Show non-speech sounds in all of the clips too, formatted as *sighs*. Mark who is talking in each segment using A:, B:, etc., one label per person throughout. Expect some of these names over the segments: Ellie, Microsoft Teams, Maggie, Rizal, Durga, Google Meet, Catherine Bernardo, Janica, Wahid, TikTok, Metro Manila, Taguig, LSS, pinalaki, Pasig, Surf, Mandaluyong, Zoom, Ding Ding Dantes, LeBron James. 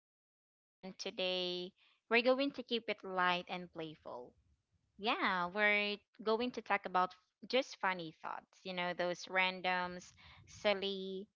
A: podcast. And today we're going to keep it light and playful. Yeah, we're going to talk about just funny thoughts, you know, those randoms, silly,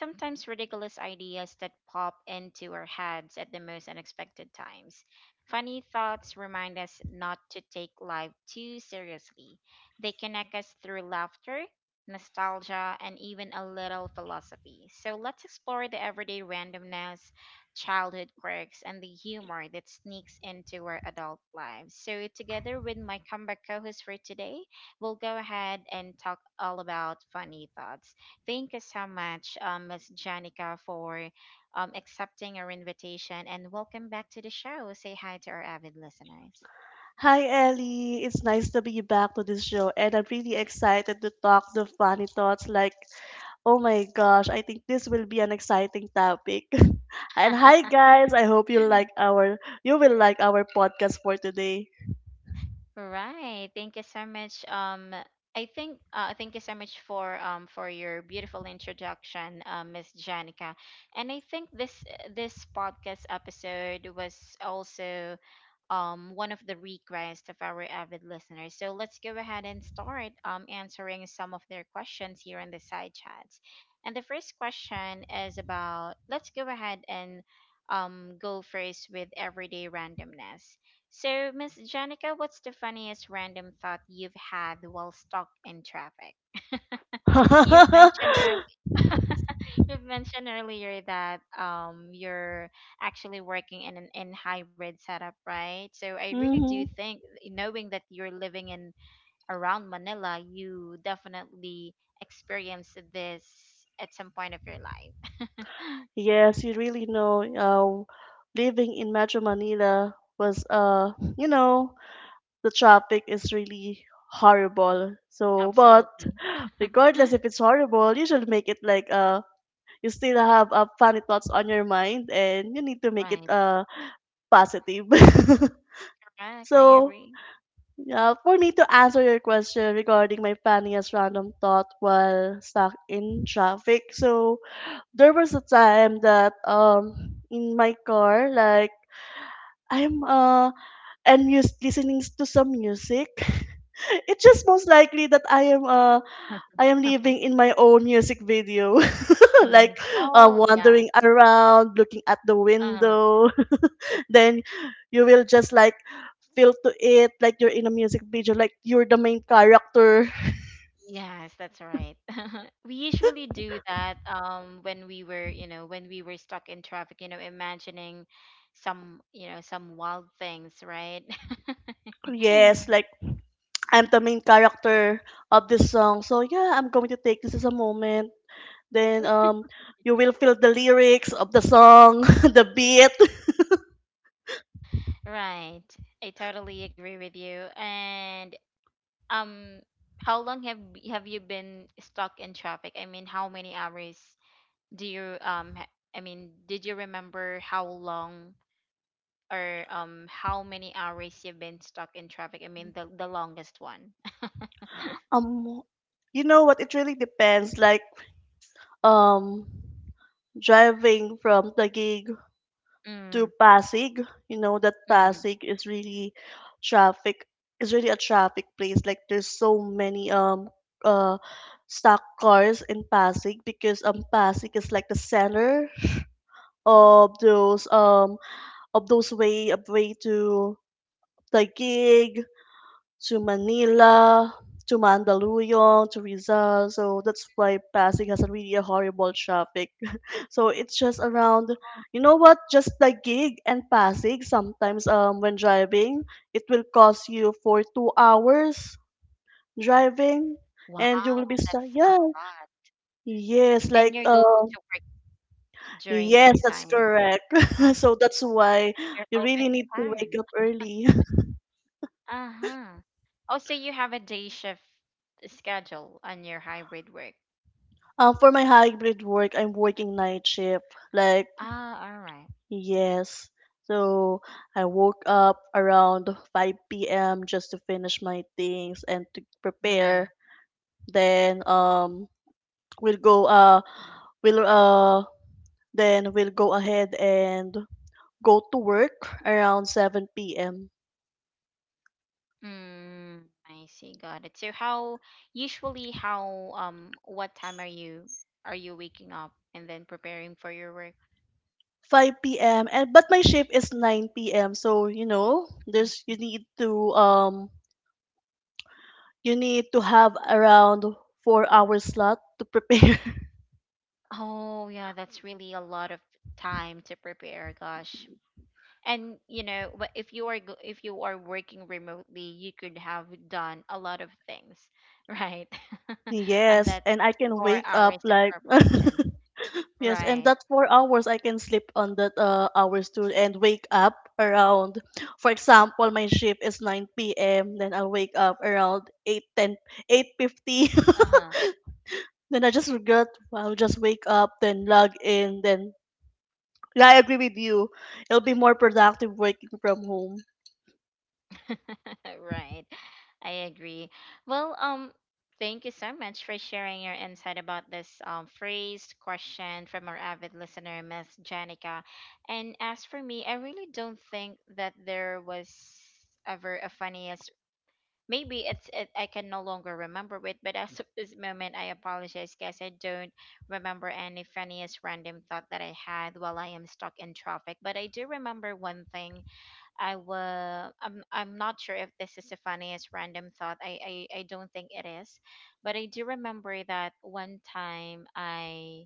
A: sometimes ridiculous ideas that pop into our heads at the most unexpected times. Funny thoughts remind us not to take life too seriously. They connect us through laughter, nostalgia, and even a little philosophy. So let's explore the everyday randomness, childhood quirks, and the humor that sneaks into our adult lives. So, together with my comeback co host for today, we'll go ahead and talk all about funny thoughts. Thank you so much, Ms. Janica, for accepting our invitation, and welcome back to the show. Say hi to our avid listeners.
B: Hi Ellie, it's nice to be back to this show and I'm really excited to talk the funny thoughts like oh my gosh, I think this will be an exciting topic. *laughs* And hi
A: *laughs*
B: guys, I hope you like our you will like our podcast for today.
A: Right. Thank you so much. I think Thank you so much for your beautiful introduction, Miss Janica. And I think this podcast episode was also one of the requests of our avid listeners. So let's go ahead and start answering some of their questions here in the side chats. And the first question is about, let's go ahead and go first with everyday randomness. So, Miss Janica, what's the funniest random thought you've had while stuck in traffic? *laughs* You've
B: *laughs*
A: mentioned earlier, *laughs* you've mentioned earlier that you're actually working in an in hybrid setup, right? So I really do
B: Hmm.
A: think, knowing that you're living in around Manila, you definitely experienced this at some point of your life.
B: Yes, you really know living in Metro Manila was uh you know the traffic is really horrible.
A: *laughs*
B: So but
A: Absolutely.
B: regardless if it's horrible, you should make it like you still have funny thoughts on your mind and you need to make it
A: Right.
B: positive. *laughs*
A: Correct. I
B: So,
A: agree.
B: yeah, for me to answer your question regarding my funniest random thought while stuck in traffic. So, there was a time that in my car like I'm uh listening to some music. *laughs* It's just most likely that I am living
A: *laughs*
B: in my own music video. *laughs* *laughs* Like
A: Mhm. Oh yeah.
B: wandering around, looking at the
A: Uh-huh.
B: window. *laughs* Then you will just like feel to it like you're in a music video, like you're the main character. *laughs*
A: Yes, that's right. *laughs* We usually do that when we were, you know, when we were stuck in traffic, you know, imagining some, you know, some wild things, right? *laughs*
B: Yes, like I'm the main character of this song. So yeah, I'm going to take this as a moment. Then you will feel the lyrics of the song, *laughs* the beat.
A: Right. I totally agree with you. And um how long have have you been stuck in traffic? I mean, how many hours do you I mean, did you remember how long or how many hours you've been stuck in traffic? I mean, the longest one.
B: Um, you know what? It really depends. Like um, driving from Taguig to
A: Mm,
B: Pasig. You know that
A: mm.
B: Pasig is really traffic is really a traffic place. Like there's so many uh stock cars in Pasig because Pasig is like the center of those um of those way of way to Taguig, to Manila, to Mandaluyong, to Rizal. So that's why Pasig has a really a horrible traffic. So it's just around, you know what, just the gig and Pasig. Sometimes when driving, it will cost you for 2 hours driving,
A: Wow,
B: and you will be
A: that's
B: stuck.
A: a
B: Yeah,
A: lot.
B: yes,
A: And you're
B: like
A: going to work during that
B: yes, that's
A: time.
B: correct.
A: Oh
B: *laughs*
A: my
B: So that's
A: God,
B: why
A: you're
B: you
A: already
B: really need to
A: tired.
B: wake up early.
A: Uh-huh. Oh, so you have a day shift schedule on your hybrid work.
B: *laughs* For my hybrid work, I'm working night shift. Like
A: Ah, all right.
B: yes. So I woke up around 5 p.m. just to finish my things and to prepare.
A: Hmm.
B: Then we'll go uh we'll uh we'll go ahead and go to work around 7 p.m.
A: Mm, I see. Got it. So how, usually how what time are you waking up and then preparing for your work?
B: 5 p.m. and but my shift is 9 p.m. So you know, there's you need to have around 4 hour slot to *laughs* prepare.
A: Oh yeah, that's really a lot of time to prepare. Gosh. And you know, if you are if you are working remotely, you could have done a lot of things, *laughs* right? *laughs* And
B: Yes,
A: that
B: and I can
A: four
B: wake up
A: hours of
B: like *laughs*
A: preparation,
B: yes, and
A: right?
B: that 4 hours I can sleep on that hours too, and wake up around. For example, my shift is nine p.m. Then I'll wake up around eight fifty.
A: Uh huh.
B: *laughs* Then I just regret. I'll just wake up, then log in, then yeah, I agree with you. It'll be more productive working from home.
A: *laughs* Right. I agree. Well, thank you so much for sharing your insight about this phrased question from our avid listener, Miss Janica. And as for me, I really don't think that there was ever a funniest, maybe I can no longer remember it, but as of this moment I apologize, guys. I don't remember any funniest random thought that I had while I am stuck in traffic. But I do remember one thing. I will. I'm. I'm not sure if this is the funniest random thought. I don't think it is, but I do remember that one time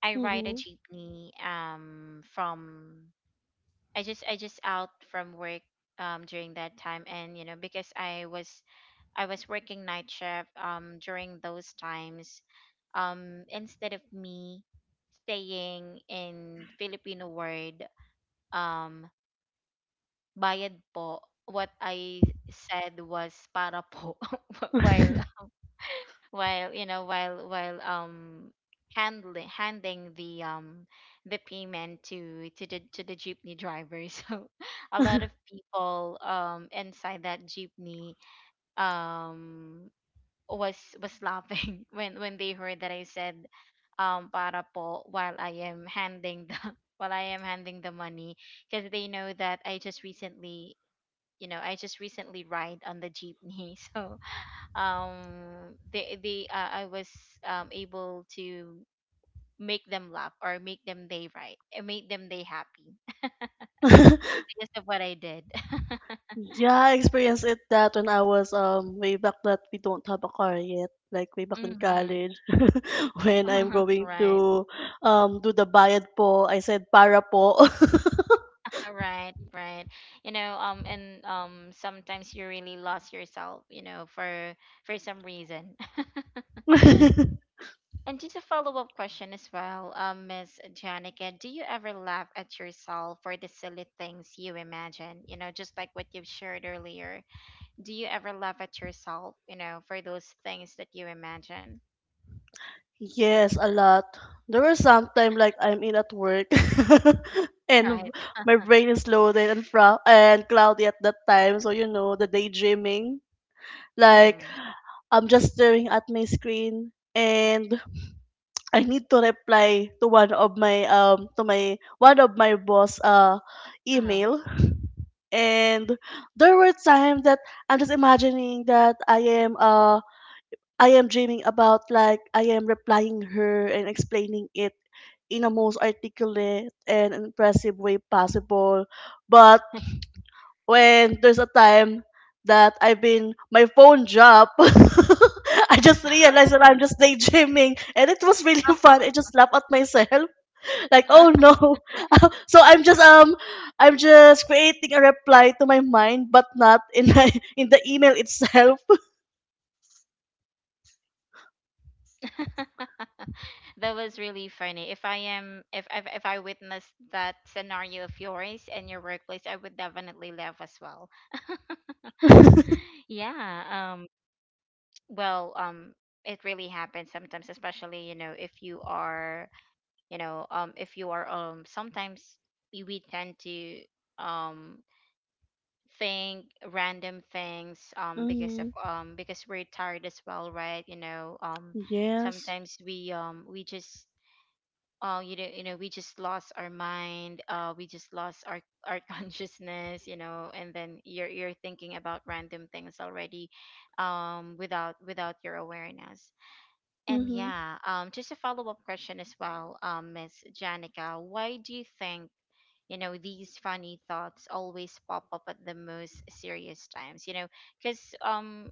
A: I ride a jeepney. From, I just out from work during that time, and you know, because I was working night shift. During those times, instead of me staying in Filipino word, um. bayad po, what I said was para po *laughs*
B: Mm-hmm.
A: while, while you know while while um handling, handing the payment to the jeepney driver. *laughs* So a lot of people inside that jeepney um was laughing *laughs* when they heard that I said para po while I am handing the, *laughs* while I am handing the money, because they know that I just recently, you know, I just recently ride on the jeepney. *laughs* So they I was able to make them laugh, or make them, they right make them, they happy, *laughs*
B: *laughs*
A: because of what I did. *laughs*
B: Yeah, I experienced it that when I was way back that we don't have a car yet, like way back in
A: Hmm.
B: college, *laughs* when I'm
A: *laughs*
B: going
A: Right.
B: to do the bayad po, I said para po.
A: right right you know, and sometimes you really lost yourself, you know, for some reason. *laughs*
B: *laughs*
A: And just a follow up question as well, Miss Janica, do you ever laugh at yourself for the silly things you imagine? You know, just like what you've shared earlier. Do you ever laugh at yourself, you know, for those things that you imagine?
B: Yes, a lot. There was sometime like I'm in at work *laughs*
A: Right.
B: and my brain is loaded and cloudy at that time. So you know the daydreaming. Like
A: Mm.
B: I'm just staring at my screen and I need to reply to one of my to my one of my boss
A: Uh-huh.
B: email and there were times that I'm just imagining that I am uh I am dreaming about like I am replying her and explaining it in a most articulate and impressive way possible. But when there's a time that I've been my phone drop, *laughs* I just realized
A: *laughs*
B: that I'm
A: Oh.
B: just daydreaming and it was really fun. I just laugh at myself like
A: Uh,
B: oh no. *laughs* So I'm just creating a reply to my mind but not in my *laughs* in the email itself.
A: *laughs* that was really funny. If I am, if I witnessed that scenario of yours in your workplace, I would definitely laugh as well. *gasps* *laughs* Yeah.
B: *laughs*
A: Well um it really happens sometimes, especially, you know, if you are, you know, if you are sometimes we tend to um think random things because of,
B: Hmm.
A: because we're tired as well, right? You know,
B: Yes.
A: sometimes we, we just you know, we just lost our mind, we just lost our *laughs* consciousness, you know, and then you're thinking about random things already, without your awareness. And
B: Mm-hmm.
A: yeah, just a follow up question as well, Miss Janica, why do you think, you know, these funny thoughts always pop up at the most serious times? You know, because,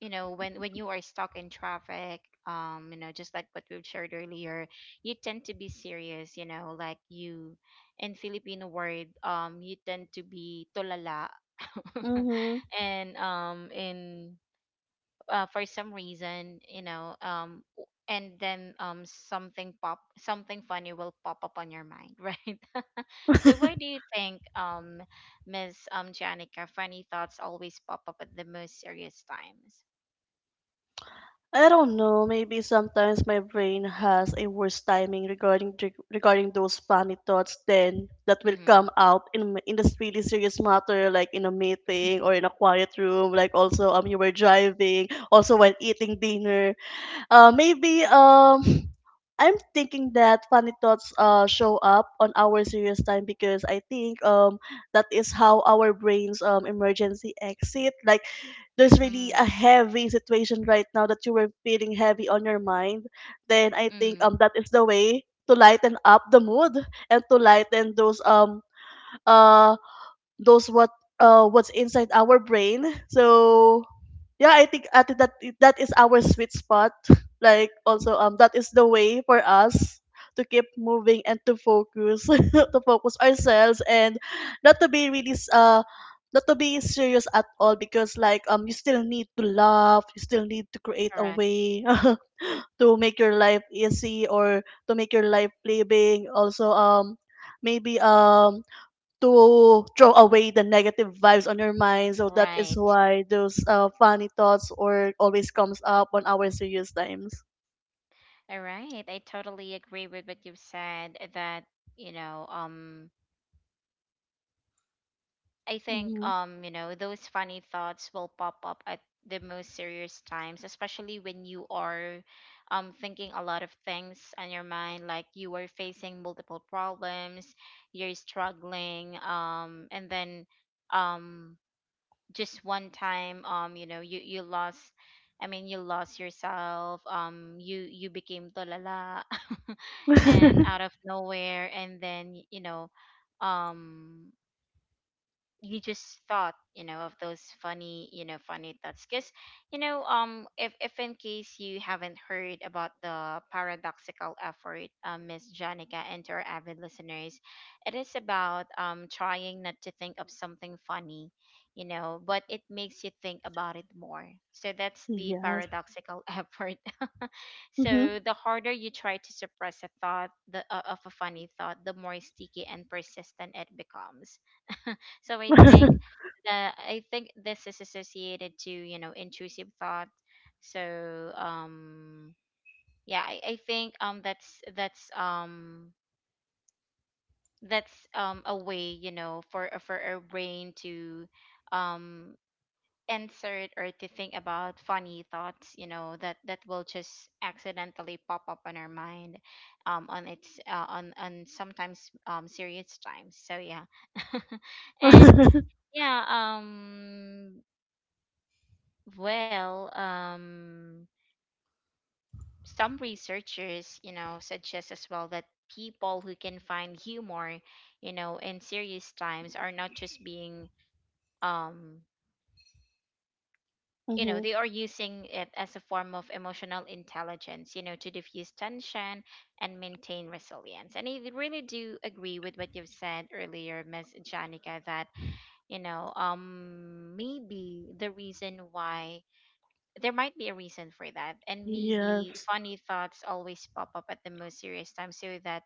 A: you know, when you are stuck in traffic, you know, just like what we've shared earlier, you tend to be serious, you know, like you, in Filipino word, you tend to be tolala. *laughs*
B: Mm-hmm.
A: And in for some reason, you know, and then something funny will pop up on your mind. *laughs* Right? So why do you think, miss Janica, funny thoughts always pop up at the most serious times?
B: I don't know, maybe sometimes my brain has a worse timing regarding those funny thoughts then that will
A: Mm-hmm.
B: come out in this really serious matter like in a meeting
A: *laughs*
B: or in a quiet room, like also you were driving also while eating dinner. Maybe *sighs* *laughs* I'm thinking that funny thoughts show up on our serious time because I think that is how our brains emergency exit. Like there's really
A: Mm,
B: a heavy situation right now that you were feeling heavy on your mind. Then I think
A: mm,
B: that is the way to lighten up the mood and to lighten those uh those what what's inside our brain. So yeah, I think at that is our sweet spot. Like also that is the way for us to keep moving and to focus *laughs* to focus ourselves and not to be really s- not to be serious at all because like you still need to laugh, you still need to create a
A: correct.
B: way *laughs* to make your life easy or to make your life living, also maybe to throw away the negative vibes on your mind. So that is
A: Right.
B: why those funny thoughts or always comes up on our serious times.
A: All right. I totally agree with what you've said that, you know, I think,
B: Mm-hmm.
A: you know, those funny thoughts will pop up at the most serious times, especially when you are thinking a lot of things on your mind, like you are facing multiple problems, you're struggling, and then um just one time, you know, you lost I mean you lost yourself. You became tolala. *laughs* And out
B: *laughs*
A: of nowhere, and then, you know, um you just thought, you know, of those funny, you know, funny thoughts, because, you know, if in case you haven't heard about the paradoxical effort, Miss Janica, and to our avid listeners, it is about trying not to think of something funny, you know, but it makes you think about it more. So that's the
B: Yes.
A: paradoxical *laughs* effort. *laughs*
B: Mm-hmm.
A: So the harder you try to suppress a thought, of a funny thought, the more sticky and persistent it becomes. So I think, that I think this is associated to, you know, intrusive thought. So yeah, I think, that's, a way, you know, for for our brain to um insert or to think about funny thoughts, you know, that that will just accidentally pop up on our mind, on its, on sometimes serious times. So yeah. *laughs*
B: *laughs*
A: And
B: Mm-hmm.
A: yeah. Well, um, some researchers, you know, suggest as well that people who can find humor, you know, in serious times are not just being, um, you know, they are using it as a form of emotional intelligence, you know, to diffuse tension and maintain resilience. And I really do agree with what you've said earlier, Ms. Janica, that, you know, maybe the reason why, there might be a reason for that, and maybe
B: Yes.
A: funny thoughts always pop up at the most serious time so that,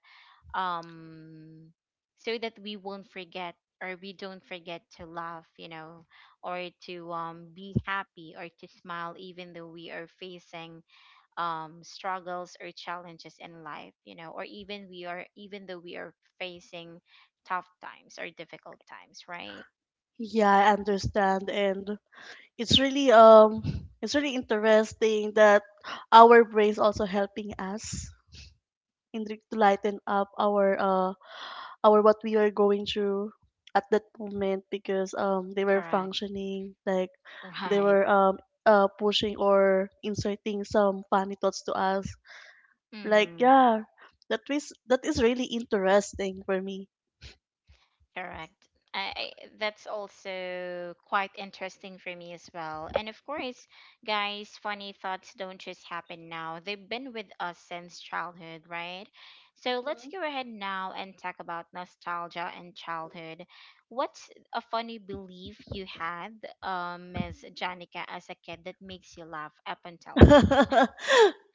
A: um we won't forget, or we don't forget, to laugh, you know, or to be happy, or to smile, even though we are facing struggles or challenges in life, you know, or even we are even though we are facing tough times or difficult times, right?
B: Yeah, I understand, and it's really um, it's really interesting that our brains also helping us to lighten up our or what we are going through at that moment because they were
A: Correct.
B: functioning like
A: *laughs*
B: they
A: Right.
B: were pushing or inserting some funny thoughts to us, like
A: Hmm.
B: yeah, that is really interesting for me.
A: Correct. I, that's also quite interesting for me as well. And of course, guys, funny thoughts don't just happen now. They've been with us since childhood, right? So let's
B: Mm-hmm.
A: go ahead now and talk about nostalgia and childhood. What's a funny belief you had, Ms. Janica, as a kid that makes you laugh up until now?
B: *laughs*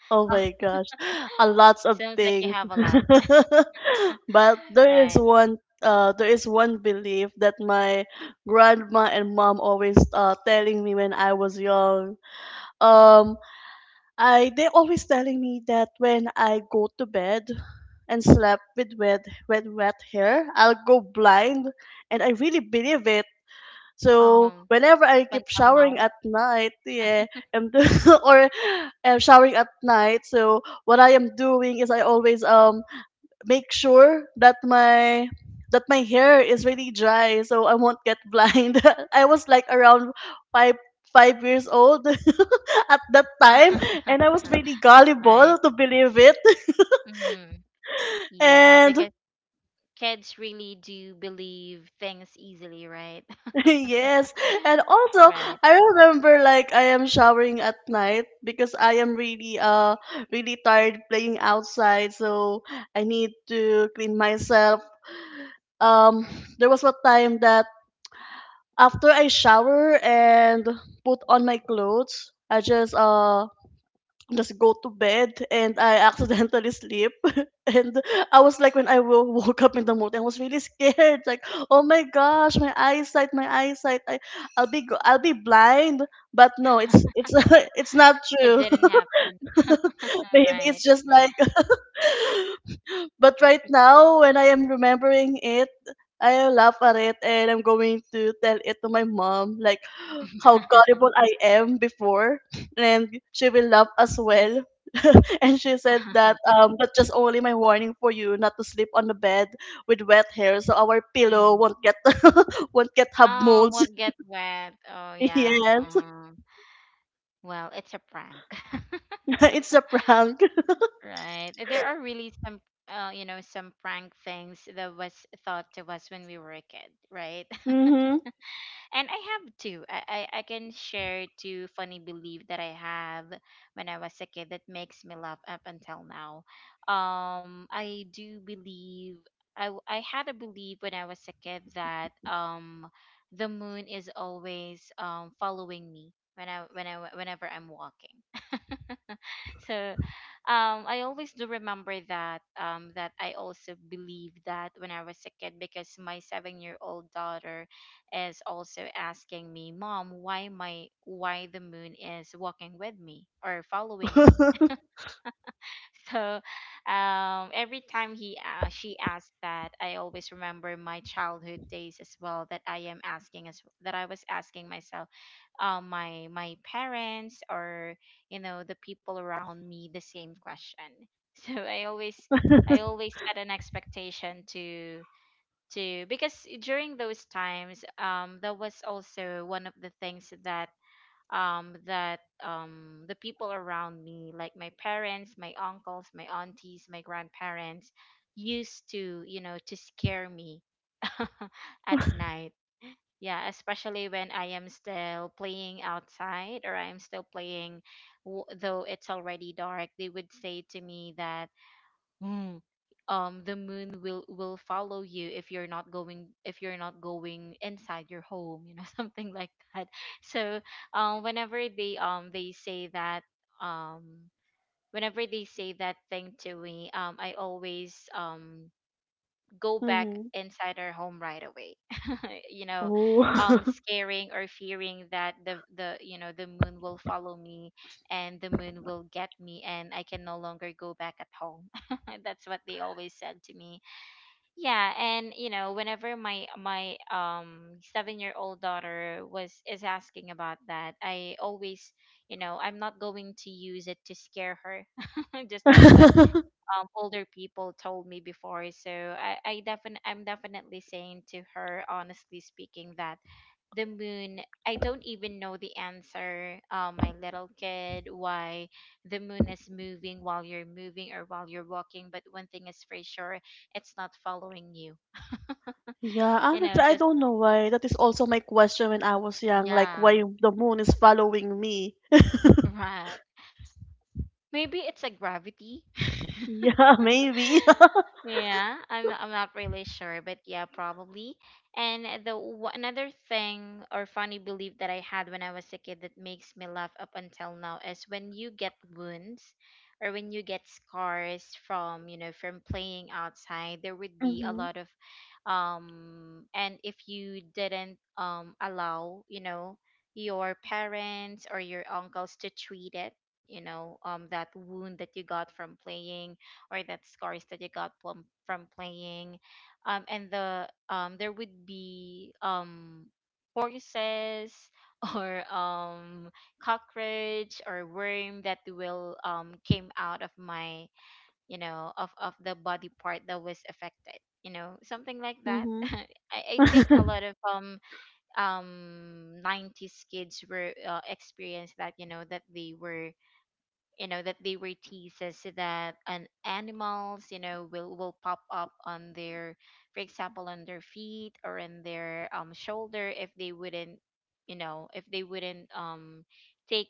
B: Oh my
A: *laughs*
B: gosh, a lots of
A: Sounds like you
B: things.
A: have a
B: *laughs*
A: lot,
B: But there is
A: right?
B: one belief that my grandma and mom always telling me when I was young. Um. I, they always telling me that when I go to bed and slept with wet hair, I'll go blind and I really believe it. So
A: Um,
B: whenever I
A: up
B: keep
A: until
B: showering
A: now,
B: at night, yeah, and *laughs* or am showering at night, so what I am doing is I always make sure that my that my hair is really dry so I won't get blind. *laughs* I was like around five five years old *laughs* at that time and I
A: *laughs*
B: was really
A: right?
B: gullible to believe it.
A: Mm-hmm. Yeah,
B: And
A: because kids really do believe things easily, right?
B: *laughs*
A: *laughs*
B: yes, and also
A: Right.
B: I remember like I am showering at night because I am really really tired playing outside, so I need to clean myself. Um there was a time that after I shower and put on my clothes, I just go to bed and I accidentally sleep. *laughs* And I was like when I woke up in the morning, I was really scared. Like, oh my gosh, my eyesight, my eyesight. I'll I'll be blind. But no, it's *laughs* it's not
A: It
B: true.
A: didn't happen.
B: *laughs*
A: *laughs* All
B: Maybe it's
A: right.
B: just like. *laughs* But right now, when I am remembering it, I laugh at it and I'm going to tell it to my mom. Like, how gullible
A: *laughs*
B: I am before, and she will laugh as well. *laughs* And she said that that's just only my warning for you not to sleep on the bed with wet hair so our pillow
A: Mm.
B: won't get *laughs* won't get hub
A: Oh,
B: molds.
A: what
B: *laughs*
A: get wet? Oh yeah.
B: Yes,
A: Uh-huh. Well, it's a prank, *laughs*
B: *laughs* it's a prank.
A: right? There are really some, some prank things that was thought to us when we were a kid, right?
B: Mhm.
A: And I have two. I can share two funny belief that I have when I was a kid that makes me laugh up until now. I do believe I had a belief when I was a kid that the moon is always following me whenever I'm walking. So I always do remember that that I also believe that when I was a kid, because my 7-year-old daughter is also asking me, "Mom, why the moon is walking with me or following me?" So every time he she asked that, I always remember my childhood days as well. That I was asking myself, my parents or, you know, the people around me the same question. *laughs* So I always had an expectation to because during those times that was also one of the things that the people around me, like my parents, my uncles, my aunties, my grandparents, used to, you know, to scare me *laughs* at night. Yeah, especially when I am still playing outside or I am still playing, though it's already dark, they would say to me that Mm. The moon will follow you if you're not going inside your home, you know, *laughs* something like that. So, um, whenever they um they say that um whenever they say that thing to me, I always go back
B: Mhm. *laughs*
A: inside our home right away, *laughs* you know,
B: Oh.
A: scaring or fearing that the you know the moon will follow me and the moon will get me and I can no longer go back at home. *laughs* That's what they always said to me. Yeah, and you know, whenever my 7-year-old daughter was is asking about that, I always, you know, I'm not going to use it to scare her *laughs* just like what
B: *laughs*
A: older people told me before. So I defin I'm definitely saying to her, honestly speaking, that the moon, I don't even know the answer, my little kid, why the moon is moving while you're moving or while you're walking, but one thing is for sure, it's not following you.
B: Yeah,
A: You know,
B: honestly, I
A: just
B: don't know why. That is also my question when I was young, like
A: yeah,
B: why the moon is following me.
A: *laughs* right. Maybe it's a gravity. *laughs*
B: Yeah, *laughs* maybe.
A: Yeah, I'm not really sure, but yeah, probably. And another thing or funny belief that I had when I was a kid that makes me laugh up until now is when you get wounds or when you get scars from, you know, from playing outside, there would be a
B: Mhm.
A: lot of um, and if you didn't allow, you know, your parents or your uncles to treat it, you know, that wound that you got from playing or that scars that you got from playing, and the there would be horses *laughs* or cockroach or worm that will came out of my, you know, of the body part that was affected, you know, something like that. *laughs*
B: Mhm.
A: I think a lot of '90s kids were experienced that, you know, that they were, you know, that they were teases that an animals, you know, will pop up on their, for example, on their feet or in their shoulder if they wouldn't, you know, if they wouldn't take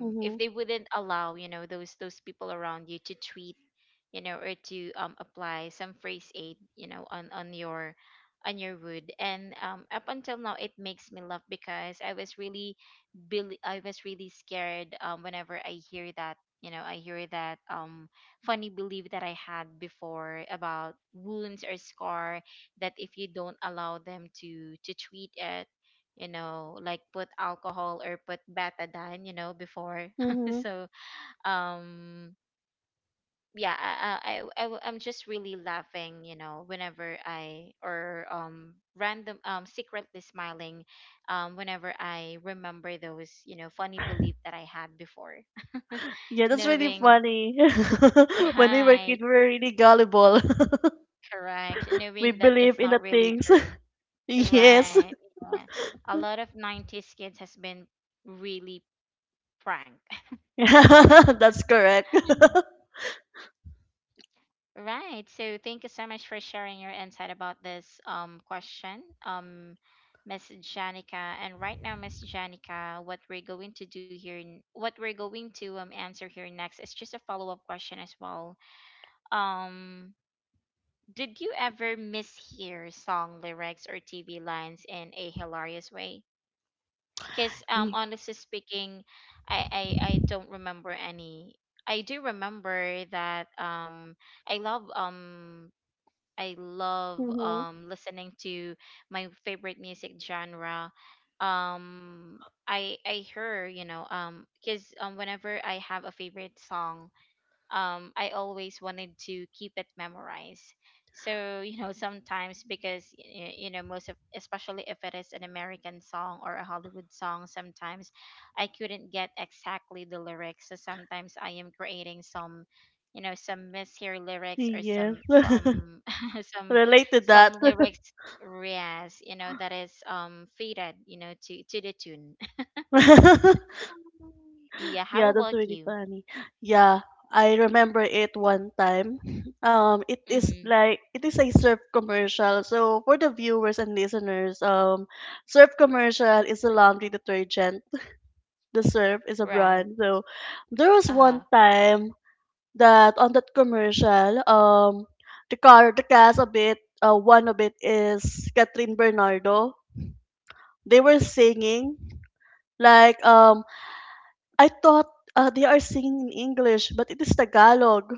B: Mhm.
A: if
B: Mhm.
A: they
B: *laughs*
A: wouldn't allow, you know, those people around you to tweet, you know, or to apply some phrase aid, you know, on on your wood. And up until now it makes me laugh because I was really I was really scared whenever I hear that, you know, I hear that funny belief that I had before about wounds or scar, that if you don't allow them to treat it, you know, like put alcohol or put betadine, you know, before. *laughs* So, um, yeah, I'm just really laughing, you know, whenever I, or random, secretly smiling, whenever I remember those, you know, funny belief that I had before, *laughs*
B: Yeah, that's really
A: knowing,
B: funny. *laughs* When we were
A: right,
B: kids, we were really gullible. *laughs*
A: correct,
B: We
A: knowing that
B: believe
A: it's
B: in the
A: not really
B: things. *laughs*
A: true,
B: Yes.
A: right? Yeah, a lot of '90s kids has been really pranked.
B: *laughs* That's correct.
A: *laughs*
B: *laughs*
A: Right. So thank you so much for sharing your insight about this question, Miss Janica. And right now, Miss Janica, what we're going to do here, what we're going to answer here next is just a follow up question as well. Um, did you ever mishear song lyrics or TV lines in a hilarious way? Because honestly speaking, I I don't remember any. I do remember that. I love um I love
B: Mhm.
A: listening to my favorite music genre. Um I hear, you know, cuz whenever I have a favorite song, I always wanted to keep it memorized. So you know, sometimes because you know most of, especially if it is an American song or a Hollywood song, sometimes I couldn't get exactly the lyrics. So sometimes I am creating some, you know, some mishear lyrics or
B: Yes. *laughs*
A: some *laughs* some
B: Relate to that.
A: some lyrics. Yes, you know that is fitted, you know, to the tune. *laughs*
B: *laughs*
A: Yeah, how
B: Yeah, that's
A: about
B: really
A: you?
B: funny. Yeah, I remember it one time. *laughs* It is
A: Mm-hmm.
B: like it is a surf commercial. So for the viewers and listeners, surf commercial is a laundry detergent. The surf is a
A: Right.
B: brand. So there was one
A: Uh-huh.
B: time that on that commercial, the car, the cast of it, one of it is Catherine Bernardo. They were singing like I thought they are singing in English, but it is Tagalog.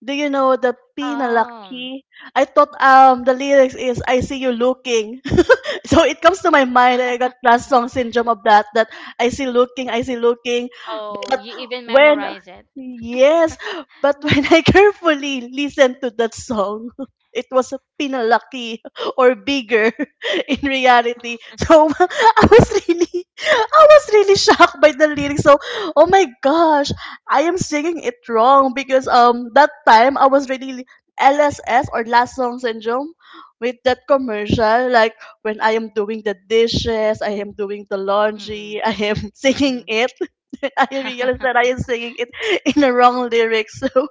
B: Do you know the
A: Um,
B: pinalaki? I thought the lyrics is I see you looking. *laughs* So it comes to my mind and I got last song syndrome of that I see looking
A: oh, you even
B: when
A: memorize it.
B: yes, but *laughs* when I carefully listened to that song, *laughs* it was a pinalaki *laughs* or bigger *laughs* in reality. So *laughs* I was really *laughs* I was really shocked by the lyrics. So oh my gosh, I am singing it wrong because that time I was really LSS or last song syndrome with that commercial, like when I am doing the dishes, I am doing the
A: Mm,
B: laundry, I am *laughs* singing
A: mm.
B: it. *laughs* I realized that I
A: *laughs*
B: am singing it in the wrong lyrics. So *laughs*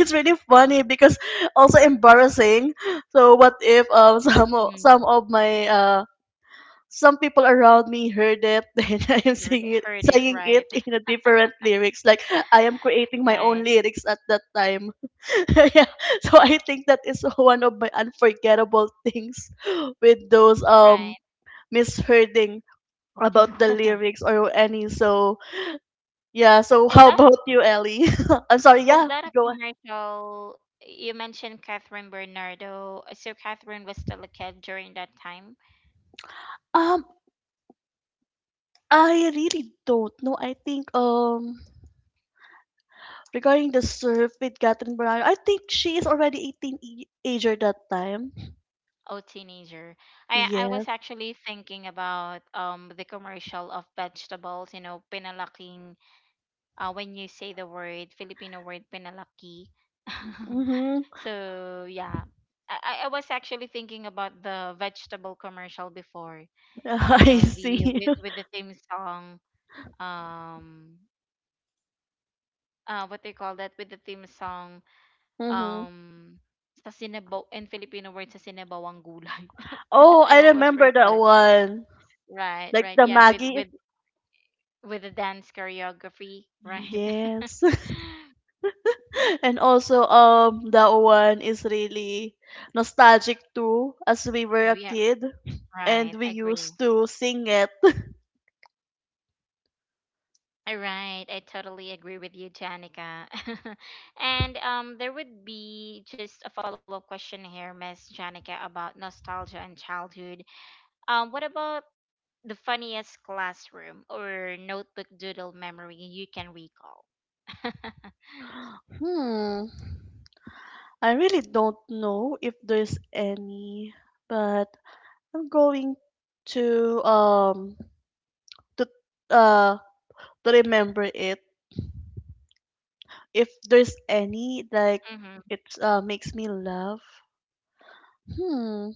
B: it's really funny because also embarrassing. So what if *laughs* some o- some
A: mm.
B: of my some people around me heard it, *laughs* then I am
A: You heard heard it
B: singing it
A: right,
B: in a different lyrics. Like I am creating
A: *laughs*
B: my own
A: right,
B: lyrics at that time. *laughs* Yeah. So I think that is *laughs* one of my unforgettable things with those
A: right.
B: mishearing about the
A: *laughs*
B: lyrics or any so yeah, so
A: Is
B: how
A: that
B: about
A: a,
B: you, Ellie? *laughs* I'm sorry,
A: was
B: yeah,
A: that a
B: go on.
A: commercial? You mentioned Catherine Bernardo. So Catherine was still a kid during that time.
B: Um, I really don't know. I think regarding the surf with Catherine Brown, I think she is already 18 ager that time.
A: Oh, teenager. I
B: Yes.
A: was actually thinking about the commercial of vegetables. You know, pinalaking when you say the word Filipino word penalaki. *laughs*
B: Mhm.
A: So yeah, I was actually thinking about the vegetable commercial before. You
B: *laughs* I
A: know, the
B: see. *laughs*
A: with the theme song. Um, what they call that, with the theme song.
B: Mhm.
A: Um, sa sinabaw in Filipino word sa sinabawang gulay.
B: Oh,
A: *laughs* I
B: I
A: almost
B: remember
A: forgot
B: that
A: it.
B: one.
A: Right,
B: Like
A: right.
B: the
A: Yeah,
B: Maggie. Is-
A: with the dance choreography, right? *laughs*
B: Yes. *laughs* And also that one is really nostalgic too as we were a
A: Yeah,
B: kid and
A: right.
B: we
A: Agree.
B: used to sing it.
A: All right, I totally agree with you, Janica. *laughs* And there would be just a follow up question here, Miss Janica, about nostalgia and childhood. What about the funniest classroom or notebook doodle memory you can recall? *laughs*
B: Hmm, I really don't know if there's any, but I'm going to to uh to remember it. If there's any, like
A: Hmm.
B: it makes me laugh. Hmm,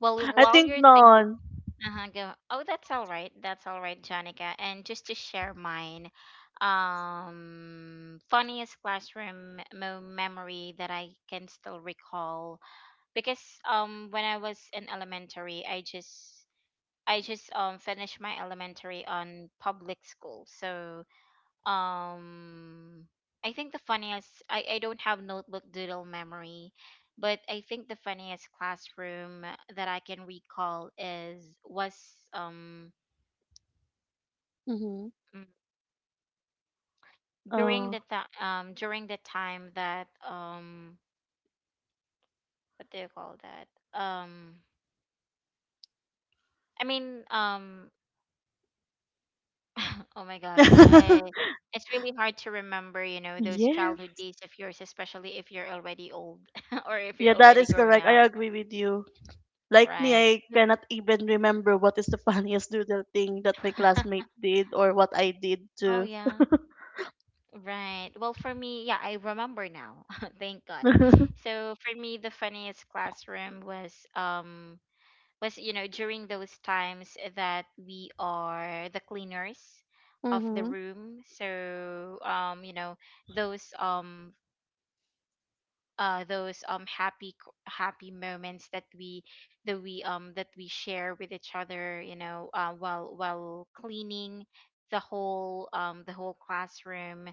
A: Well,
B: I
A: while
B: think
A: you're thinking,
B: none.
A: uh-huh, go. Oh, that's all right. That's all right, Janica. And just to share mine, funniest classroom memory that I can still recall. Because when I was in elementary, I just finished my elementary on public school. So um I think the funniest, I don't have notebook doodle memory, but I think the funniest classroom that I can recall is was um,
B: Mm-hmm.
A: mm,
B: Oh.
A: during the time that what do you call that, um, I mean um *laughs* oh my gosh,
B: *laughs*
A: I it's really hard to remember, you know, those
B: Yes.
A: childhood days of yours, especially if you're already old *laughs* or if you're
B: Yeah, that
A: already
B: is
A: grown
B: correct.
A: up,
B: I agree with you. Like me,
A: right?
B: I
A: But
B: cannot even remember what is the *laughs* funniest doodle thing that my
A: *laughs*
B: classmate did or what I did
A: oh
B: too.
A: yeah, right. Well, for me, yeah, I remember now. *laughs* Thank God.
B: *laughs*
A: So for me, the funniest classroom was you know, during those times that we are the cleaners of the
B: Mhm.
A: room. So you know, those um, uh, those happy happy moments that we, that we share with each other, you know, while cleaning the whole classroom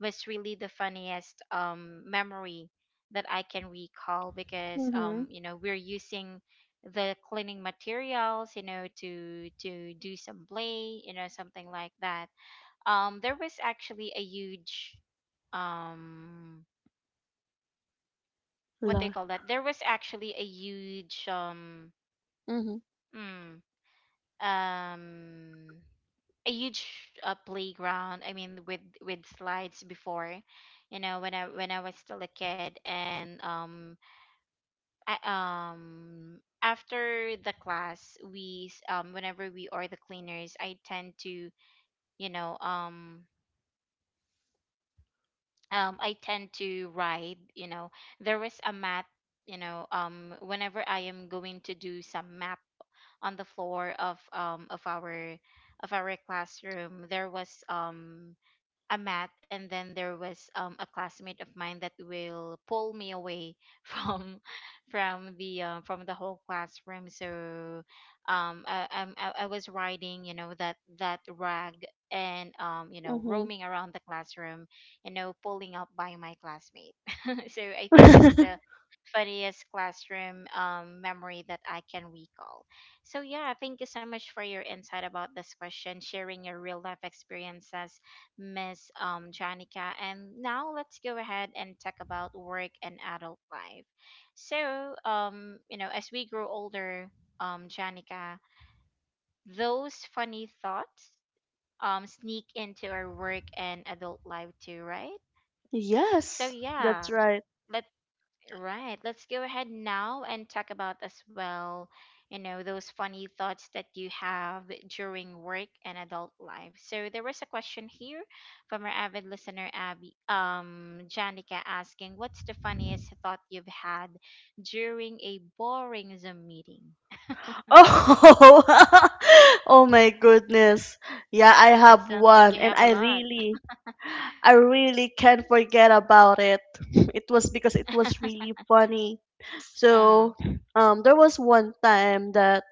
A: was really the funniest memory that I can recall, because
B: Mhm.
A: you know, we're using the cleaning materials, you know, to do some play, you know, something like that. Um, there was actually a huge um, what they
B: La.
A: call that, there was actually a huge um,
B: Mhm.
A: mm, um, a huge playground I mean, with slides before, you know, when I was still a kid. And um, I, um, after the class whenever we are the cleaners, I tend to, you know, um, I tend to ride, you know, there was a mat, you know, um, whenever I am going to do some math on the floor of of our classroom, there was um, a mat, and then there was a classmate of mine that will pull me away *laughs* from from the whole classroom. So um, I, I'm- I was riding, you know, that that rag, and um, you know,
B: Mhm.
A: roaming around the classroom, you know, pulling up by my classmate. *laughs* So I think that's the
B: *laughs*
A: funniest classroom, memory that I can recall. So, yeah, thank you so much for your insight about this question, sharing your real life experiences, Miss Janica. And now let's go ahead and talk about work and adult life. So, you know, as we grow older, Janica, those funny thoughts sneak into our work and adult life too, right? So,
B: Yes,
A: yeah,
B: that's right.
A: let's Right. Let's go ahead now and talk about as well, you know, those funny thoughts that you have during work and adult life. So there was a question here from our avid listener Abby Janica asking, what's the funniest thought you've had during a boring Zoom meeting? *laughs*
B: Oh, *laughs* oh my goodness. Yeah, I
A: That
B: have
A: sounds like
B: one,
A: you
B: and
A: have a lot.
B: I really can't forget about it. *laughs* It was because it was
A: *laughs*
B: really funny.
A: Uh-huh.
B: So, there was one time that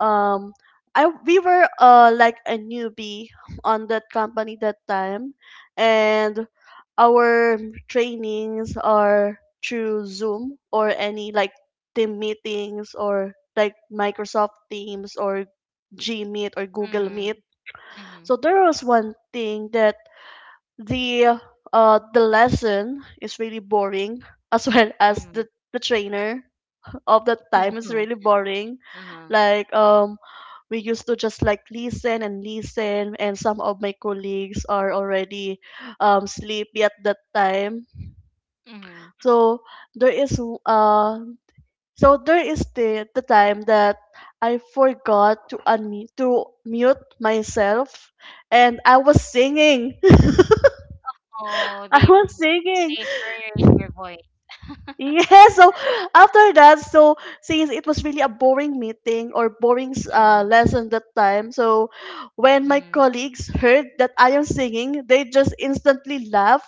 B: um I we were like a newbie on that company that time, and our trainings are through Zoom or any like team meetings or like Microsoft Teams or Gmeet or Google
A: Mm-hmm.
B: Meet.
A: Mm-hmm.
B: So there was one thing that the the lesson is really boring *laughs* as well as
A: Mm-hmm.
B: the trainer of that time is really
A: *laughs*
B: boring,
A: Uh-huh.
B: like we used to just like listen and listen, and some of my colleagues are already sleepy at that time.
A: Mm-hmm.
B: So there is uh so there is the time that I forgot to unmute to mute myself and I was singing. *laughs*
A: Oh,
B: I
A: they
B: was singing.
A: they heard your voice.
B: *laughs*
A: *laughs*
B: Yeah, so after that, so since it was really a boring meeting or boring
A: Mm,
B: lesson that time, so when my
A: mm.
B: colleagues heard that I am singing, they just instantly laugh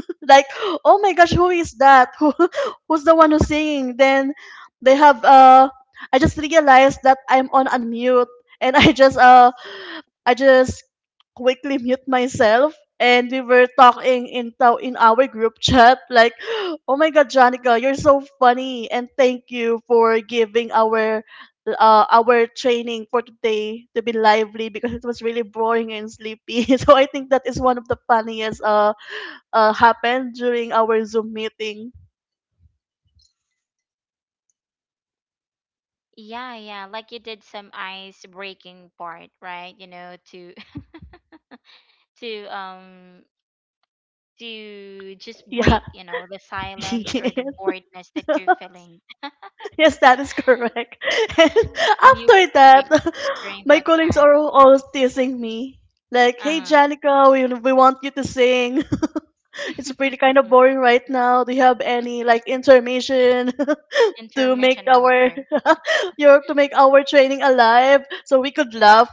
B: *laughs* like, oh my gosh, who is that? Who *laughs* who's the one who's singing? Then they have I just realized that I'm on unmute, and *laughs* I just quickly mute myself, and we were talking in our group chat like, oh my god, Janica, you're so funny, and thank you for giving our training for today to be lively because it was really boring and sleepy. *laughs* So I think that is one of the funniest happened during our Zoom meeting.
A: Yeah, yeah. Like you did some ice breaking part, right? You know, to *laughs* to um to just
B: Yeah.
A: break, you know, the
B: *laughs*
A: silence or the
B: Yes,
A: boredness that you're feeling. *gasps*
B: that is correct. *laughs* And
A: *sighs* And you
B: after
A: break
B: that, *laughs*
A: during
B: my
A: that
B: colleagues
A: time.
B: are all teasing me. Like, hey,
A: Uh-huh.
B: Janica, we want you to sing. *laughs* It's pretty kind of
A: *laughs*
B: boring right now. Do you have any, like, information *laughs* to make
A: Intermission
B: our,
A: number.
B: *laughs* your, to make our training alive so we could laugh?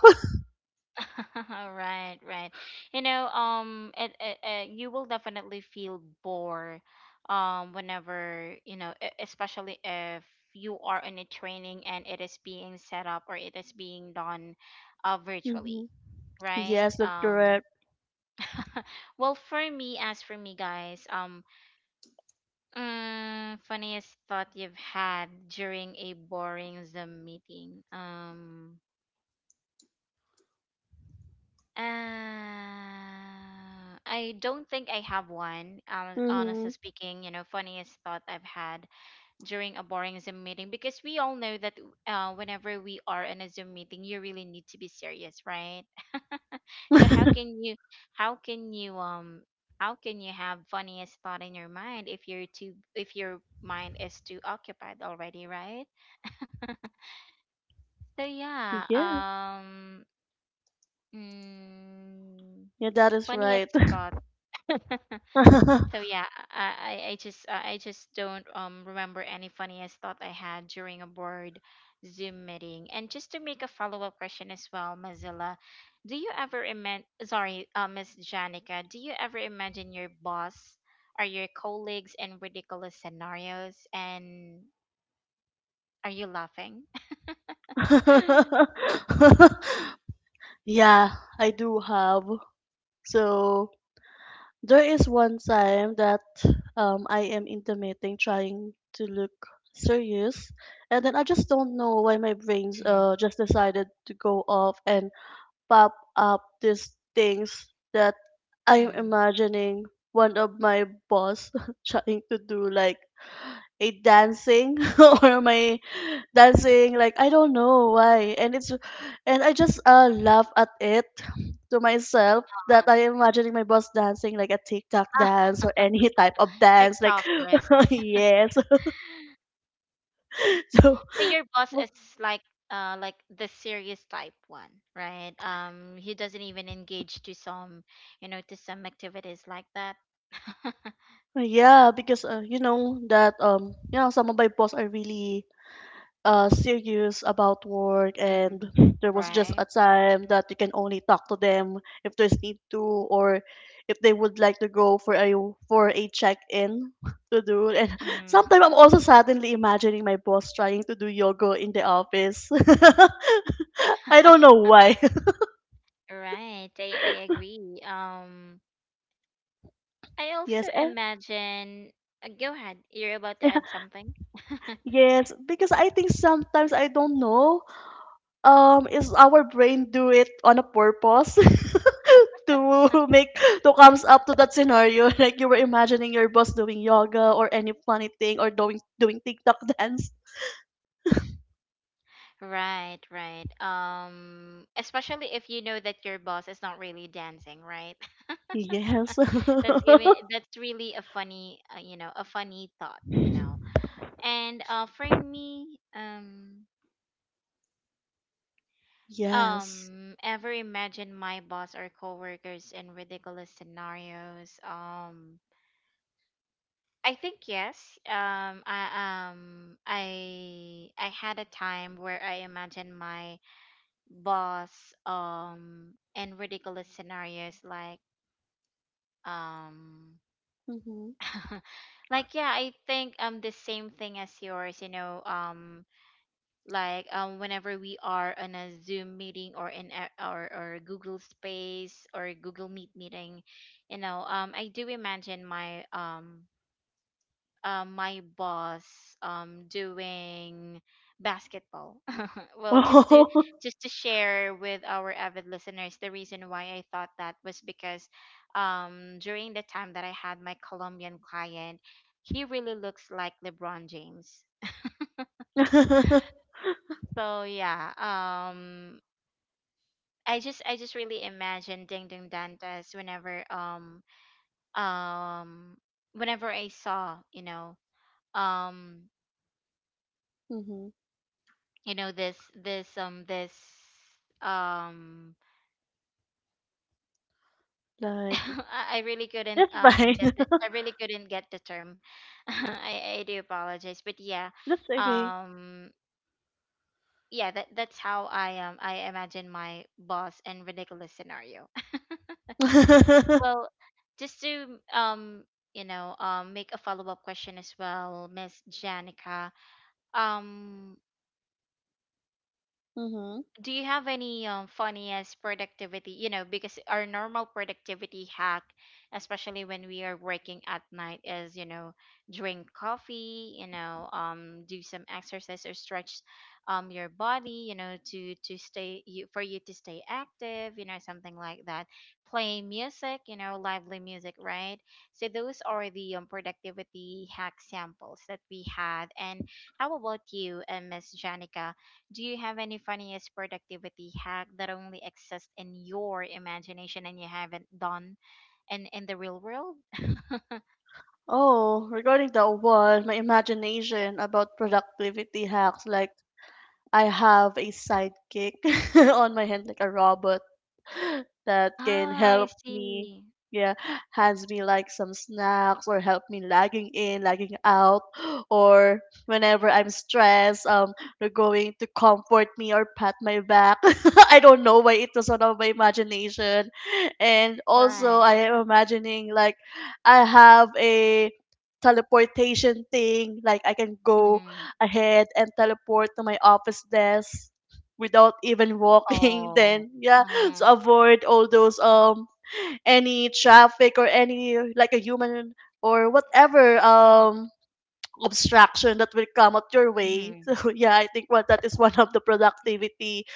A: *laughs* Right, right. You know, you will definitely feel bored, whenever you know, especially if you are in a training and it is being set up or it is being done,
B: *laughs*
A: virtually,
B: Hmm.
A: right?
B: Yes, that's correct.
A: *laughs* Well, as for me, guys, funniest thought you've had during a boring Zoom meeting. I don't think I have one. Honestly
B: Hmm.
A: speaking, you know, funniest thought I've had during a boring Zoom meeting, because we all know that whenever we are in a Zoom meeting, you really need to be serious, right? *laughs* So how can you how can you um how can you have funniest thought in your mind if you're too if your mind is too occupied already, right? So yeah,
B: Yeah,
A: mm,
B: *laughs* yeah, that is right.
A: funniest thought. *laughs*
B: *laughs*
A: So yeah, I just I just don't remember any funniest thought I had during a board Zoom meeting. And just to make a follow-up question as well, Mazilla, do you ever imagine? Sorry, Miss Janica, do you ever imagine your boss or your colleagues in ridiculous scenarios? And are you laughing? *laughs*
B: *laughs* Yeah, I do have. So there is one time that I am intimating trying to look serious, and then I just don't know why my brains
A: Mm-hmm,
B: uh just decided to go off and pop up these things that I'm
A: mm-hmm.
B: imagining one of my boss *laughs* trying to do like a dancing *laughs* or my dancing, like I don't know why, and it's and I just laugh at it to myself that I am imagining my boss dancing like a TikTok
A: *laughs*
B: dance or any *laughs* type of dance like
A: TikTokers.
B: *laughs* yes. *laughs* So
A: So your boss is like like the serious type one, right? Um, he doesn't even engage to some, you know, to some activities like that. *laughs*
B: yeah, because you know that you know some of my boss are really serious about work, and
A: Mm,
B: there was just
A: right.
B: a time that you can only talk to them if there's need to, or if they would like to go for a check-in *laughs* to do. And *laughs*
A: Mm,
B: sometimes I'm also suddenly imagining my boss trying to do yoga in the office. *laughs* I don't know why. *laughs*
A: right. I agree. Um, I also
B: Yes, eh?
A: imagine go ahead. You're about to add something. *laughs*
B: *laughs* Yes, because I think sometimes I don't know. Is our brain do it on a purpose? *laughs* To *laughs* make to comes up to that scenario *laughs* like you were imagining your boss doing yoga or any funny thing or doing TikTok dance.
A: Right, right. Especially if you know that your boss is not really dancing, right? *laughs*
B: Yes.
A: That's really a funny, you know, a funny thought, you know. And for me,
B: *laughs* Yes.
A: ever imagine my boss or coworkers in ridiculous scenarios? I think yes. I had a time where I imagined my boss and ridiculous scenarios like um.
B: Mm-hmm. *laughs*
A: *laughs* Like, yeah, I think the same thing as yours, you know. Whenever we are on a Zoom meeting or in a, or Google Space or Google Meet meeting, you know, I do imagine my my boss doing basketball. *laughs* Well,
B: Oh.
A: just to share with our avid listeners, the reason why I thought that was because during the time that I had my Colombian client, he really looks like LeBron James. So yeah, I just really imagine Ding Ding Dantes whenever um whenever I saw, you know, um
B: *laughs* Mm-hmm.
A: you know, this this um *laughs*
B: Like
A: I really couldn't
B: that's fine.
A: get the, I really couldn't get the term. *laughs* I do apologize, but yeah,
B: *laughs* That's okay.
A: um, yeah, that that's how I imagine my boss in ridiculous scenario.
B: *laughs* Mm-hmm.
A: *laughs* Well, just to you know make a follow up question as well, Miss Janica. Um, do you have any funniest productivity, you know, because our normal productivity hack, especially when we are working at night, is you know, drink coffee, you know, do some exercise or stretch your body, you know, to stay you for you to stay active, you know, something like that, play music, you know, lively music, right? So those are the productivity hack samples that we had. And how about you, Miss Janica, do you have any funniest productivity hack that only exists in your imagination and you haven't done in the real world?
B: Oh, regarding that one, my imagination about productivity hacks, like I have a sidekick *laughs* on my hand like a robot *laughs* that can
A: Ah, I
B: help me,
A: see.
B: yeah, hands me like some snacks or help me lagging in, lagging out, or whenever I'm stressed, they're going to comfort me or pat my back. *laughs* I don't know why it was out of my imagination. And also
A: Right.
B: I am imagining like I have a teleportation thing, like I can go
A: Mm-hmm.
B: ahead and teleport to my office desk without even walking. *laughs*
A: Oh.
B: Then yeah, to
A: Uh-huh.
B: avoid all those any traffic or any like a human or whatever obstruction that will come at your way.
A: Mm-hmm.
B: *laughs* So yeah, I think what that is one of the productivity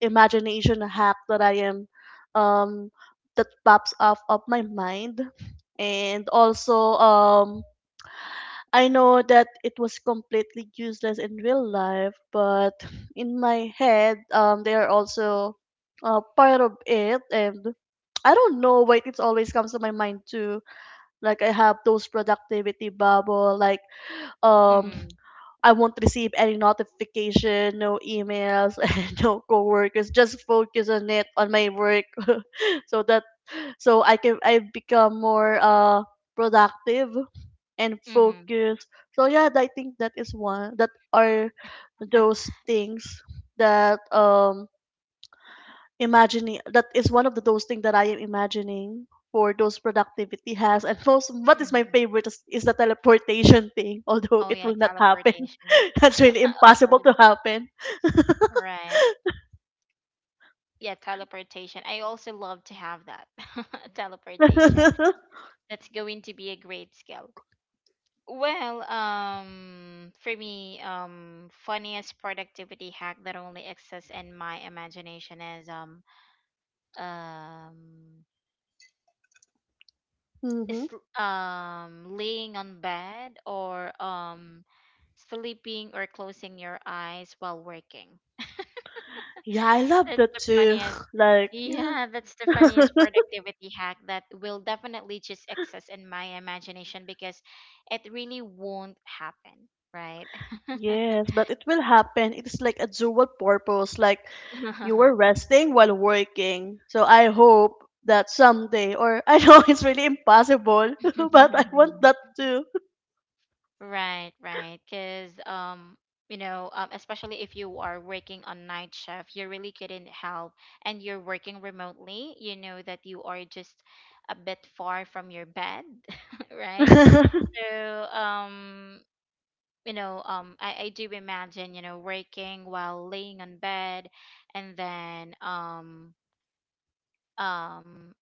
B: imagination hack that I am um that pops off of my mind. And also I know that it was completely useless in real life, but in my head, they are also part of it, and I don't know why it always comes to my mind too. Like I have those productivity bubble, like, um,
A: Mhm.
B: I won't receive any notification, no emails, *laughs* and no coworkers. Just focus on it on my work, *laughs* so that I can I become more productive and
A: Mm-hmm. Mm-hmm.
B: focus. So yeah, I think that is one that are those
A: *laughs*
B: things that imagining that is one of the those things that I am imagining for those productivity has, and most what is my
A: Mm-hmm.
B: favorite is the teleportation thing, *laughs* although
A: Oh
B: it
A: yeah,
B: will not happen.
A: teleportation.
B: *laughs* That's really
A: *laughs* Of
B: impossible
A: course.
B: to happen.
A: Right. Yeah, teleportation. I also love to have that. *laughs* Teleportation.
B: *laughs*
A: That's going to be a great skill. Well, for me, funniest productivity hack that only exists in my imagination is um, is
B: Hmm.
A: laying on bed or sleeping or closing your eyes while working.
B: Yeah, I love
A: That's
B: that
A: the
B: too.
A: funniest.
B: *sighs* *laughs*
A: *laughs*
B: Like yeah.
A: Yeah, that's the funniest
B: *laughs*
A: productivity hack that will definitely just exist in my imagination, because it really won't happen, right?
B: Yes, but it will happen. It is like a dual purpose, like you
A: *laughs*
B: were resting while working. So I hope that someday, or I know *laughs* it's really impossible, *laughs* but I want that
A: *laughs*
B: too.
A: Right, right. Because, you know, especially if you are working on night shift, you really couldn't help, and you're working remotely, you know that you are just a bit far from your bed, *laughs* right?
B: *laughs*
A: So, you know, I do imagine, you know, working while laying on bed, and then, um,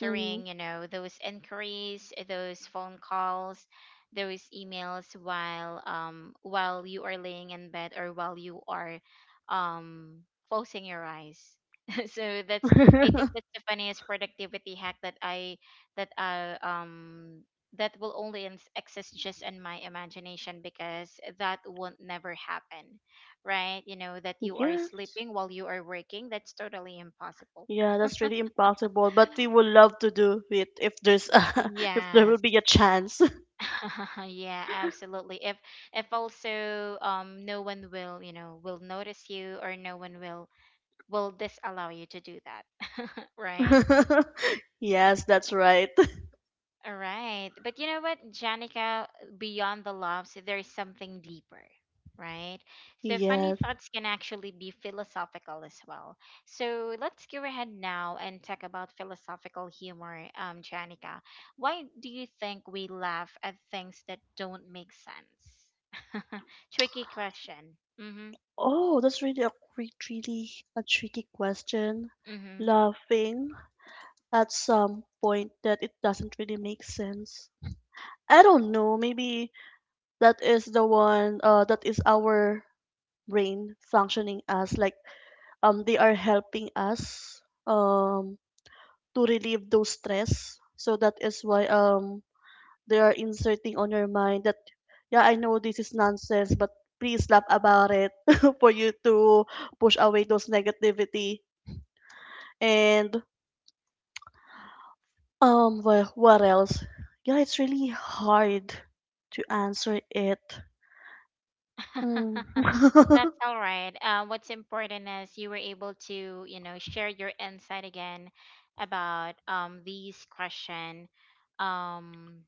B: Mhm.
A: you know, those inquiries, eh, those phone calls, those emails while you are laying in bed or while you are um closing your eyes. *laughs* So that's, I think,
B: *laughs*
A: that's the funniest productivity hack that I that will only exist just in my imagination, because that won't never happen, right? You know that you are
B: Yes.
A: sleeping while you are working, that's totally impossible.
B: Yeah, that's really impossible, but we would love to do it if there's a, *laughs* if there will
A: Yes.
B: be a chance.
A: *laughs* Yeah, absolutely. If also no one will, you know, will notice you, or no one will disallow you to do that. *laughs* Right?
B: *laughs* Yes, that's right. *laughs*
A: All right. But you know what, Janica, beyond the loves, there is something deeper, right? So funny
B: Yes.
A: thoughts can actually be philosophical as well. So let's go ahead now and talk about philosophical humor, Janica. Why do you think we laugh at things that don't make sense? *laughs* Tricky question. Mm-hmm.
B: Oh, that's really really a tricky question.
A: Mm-hmm.
B: Laughing at some point that it doesn't really make sense. I don't know, maybe that is the one that is our brain functioning as like they are helping us um to relieve those stress. So that is why they are inserting on your mind that yeah, I know this is nonsense, but please laugh about it *laughs* for you to push away those negativity. And um, well, what else? Yeah, it's really hard to answer it. Mm.
A: *laughs*
B: *laughs*
A: That's all right. What's important is you were able to, you know, share your insight again about these question. Um,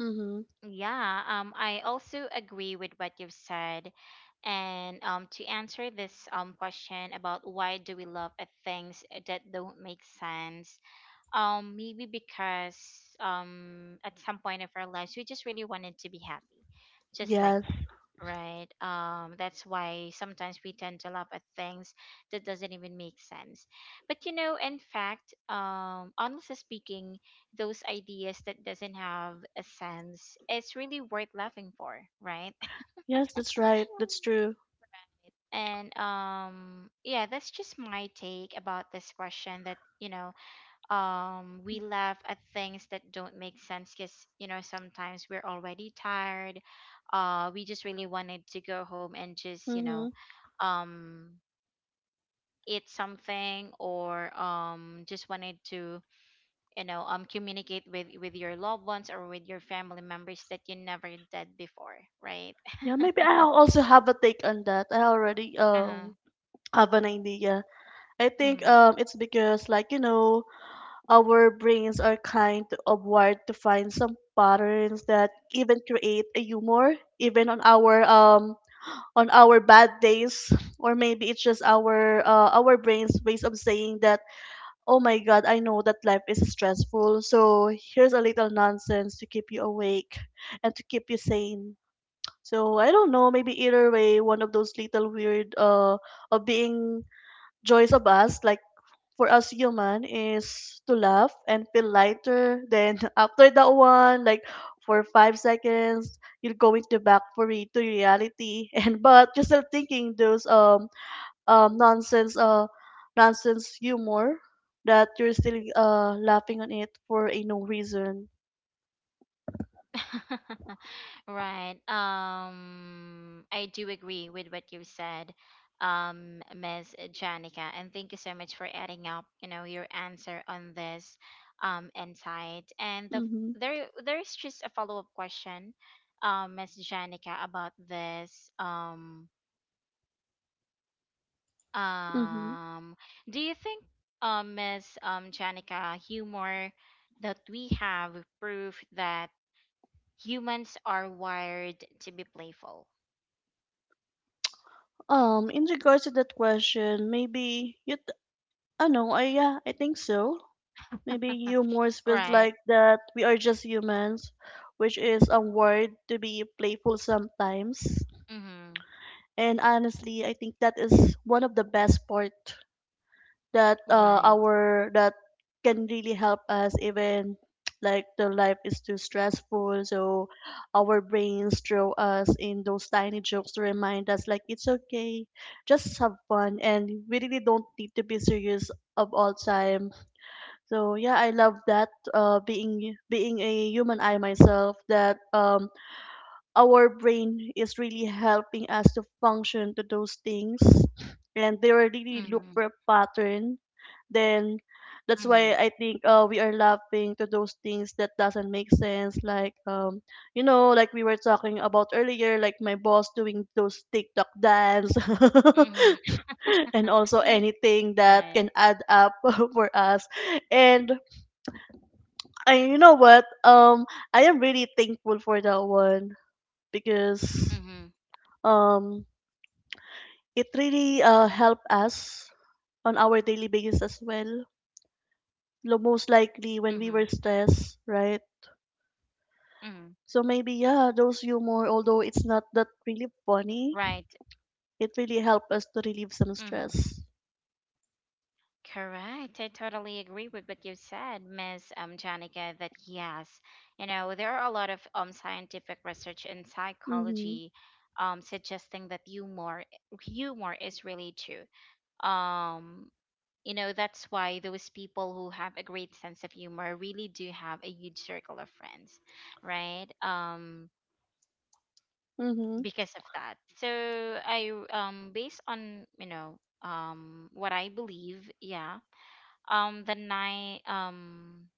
B: Mm-hmm.
A: yeah. I also agree with what you've said, and to answer this question about why do we love at things that don't make sense, maybe because at some point of our lives, we just really wanted to be happy, just like
B: Yes,
A: that, right? That's why sometimes we tend to laugh at things that doesn't even make sense. But you know, in fact, honestly speaking, those ideas that doesn't have a sense, it's really worth laughing for, right?
B: yes, that's right. That's
A: *laughs*
B: true.
A: And yeah, that's just my take about this question, that you know, we laugh at things that don't make sense because you know, sometimes we're already tired. We just really wanted to go home, and just you know,
B: Mm-hmm.
A: um eat something, or just wanted to you know, communicate with your loved ones or with your family members that you never did before, right?
B: Yeah, maybe
A: *laughs*
B: I also have a take on that. I already
A: Uh-huh.
B: have an idea. I think it's because, like, you know, our brains are kind of wired to find some patterns that even create a humor even on our bad days, or maybe it's just our brains ways of saying that oh my god, I know that life is stressful, so here's a little nonsense to keep you awake and to keep you sane. So I don't know, maybe either way, one of those little weird of being joys of us, like for us human, is to laugh and feel lighter. Then *laughs* after that one, like for 5 seconds, you're going to back to reality. *laughs* And but you're still thinking those um nonsense uh nonsense humor that you're still laughing on it for a no reason.
A: *laughs* Right. I do agree with what you said, Miss Janica, and thank you so much for adding up, you know, your answer on this insight. And
B: Mhm.
A: there there is just a follow-up question, Miss Janica, about this.
B: Mhm.
A: Um, do you think, Miss Janica, humor that we have proof that humans are wired to be playful.
B: In regards to that question, maybe you. T- I know. I yeah. I think so. Maybe
A: *laughs*
B: humors feels
A: Right.
B: like that we are just humans, which is a word to be playful sometimes.
A: Mm-hmm.
B: And honestly, I think that is one of the best part
A: Right.
B: that can really help us even *tsk* like the life is too stressful, so our brains throw us in those tiny jokes to remind us like it's okay, just have fun, and we really don't need to be serious of all time. So yeah, I love that being a human eye myself that our brain is really helping us to function to those things, and they will really
A: Mm-hmm.
B: look for a pattern. Then that's
A: Mm-hmm.
B: why I think we are laughing to those things that doesn't make sense, like like we were talking about earlier, like my boss doing those TikTok dance. *laughs*
A: Mm-hmm.
B: And also anything that
A: Right.
B: can add up *laughs* for us. And and you know what? Um, I am really thankful for that one because
A: Mm-hmm.
B: um, it really helped us on our daily basis as well.
A: Mm-hmm.
B: Most likely when we were stressed,
A: Mm-hmm.
B: right? So maybe yeah, those humor, although it's not
A: Right.
B: that really funny, it really helped us to
A: Mm-hmm.
B: relieve some stress.
A: Correct. I totally agree with what you said, Miss Janica, that yes, you know, there are a lot of scientific research in
B: Mhm.
A: psychology suggesting that humor is really true. Um, you know, that's why those people who have a great sense of humor really do have a huge circle of friends, right?
B: Mhm.
A: Because of that. So I based on, you know, what I believe, yeah. The night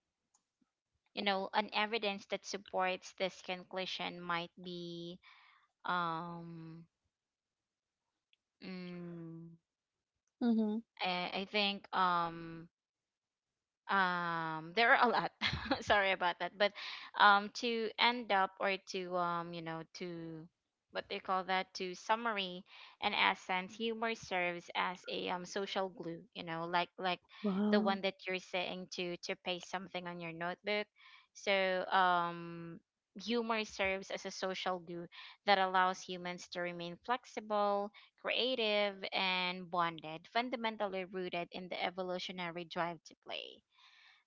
A: You know, an evidence that supports this conclusion might be um mm,
B: Mhm.
A: I think there are a lot. *laughs* Sorry about that, but to end up, or to you know, to what they call that, to summary and essence, humor serves as a social glue, you know, like the
B: Wow.
A: one that you're saying to paste something on your notebook. So humor serves as a social glue that allows humans to remain flexible, creative, and bonded, fundamentally rooted in the evolutionary drive to play.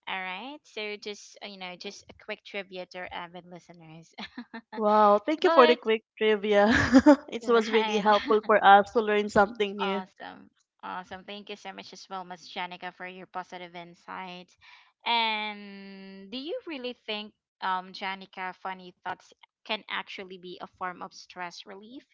A: All right. So just you know, just a quick trivia to our avid listeners. *laughs*
B: Wow, thank you for the
A: But
B: quick trivia. *laughs* It was really
A: right.
B: helpful
A: *laughs*
B: for us to learn something new.
A: Awesome. Awesome. Thank you so much as well, Miss Janica, for your positive insight. And do you really think, Janica, funny thoughts can actually be a form of stress relief?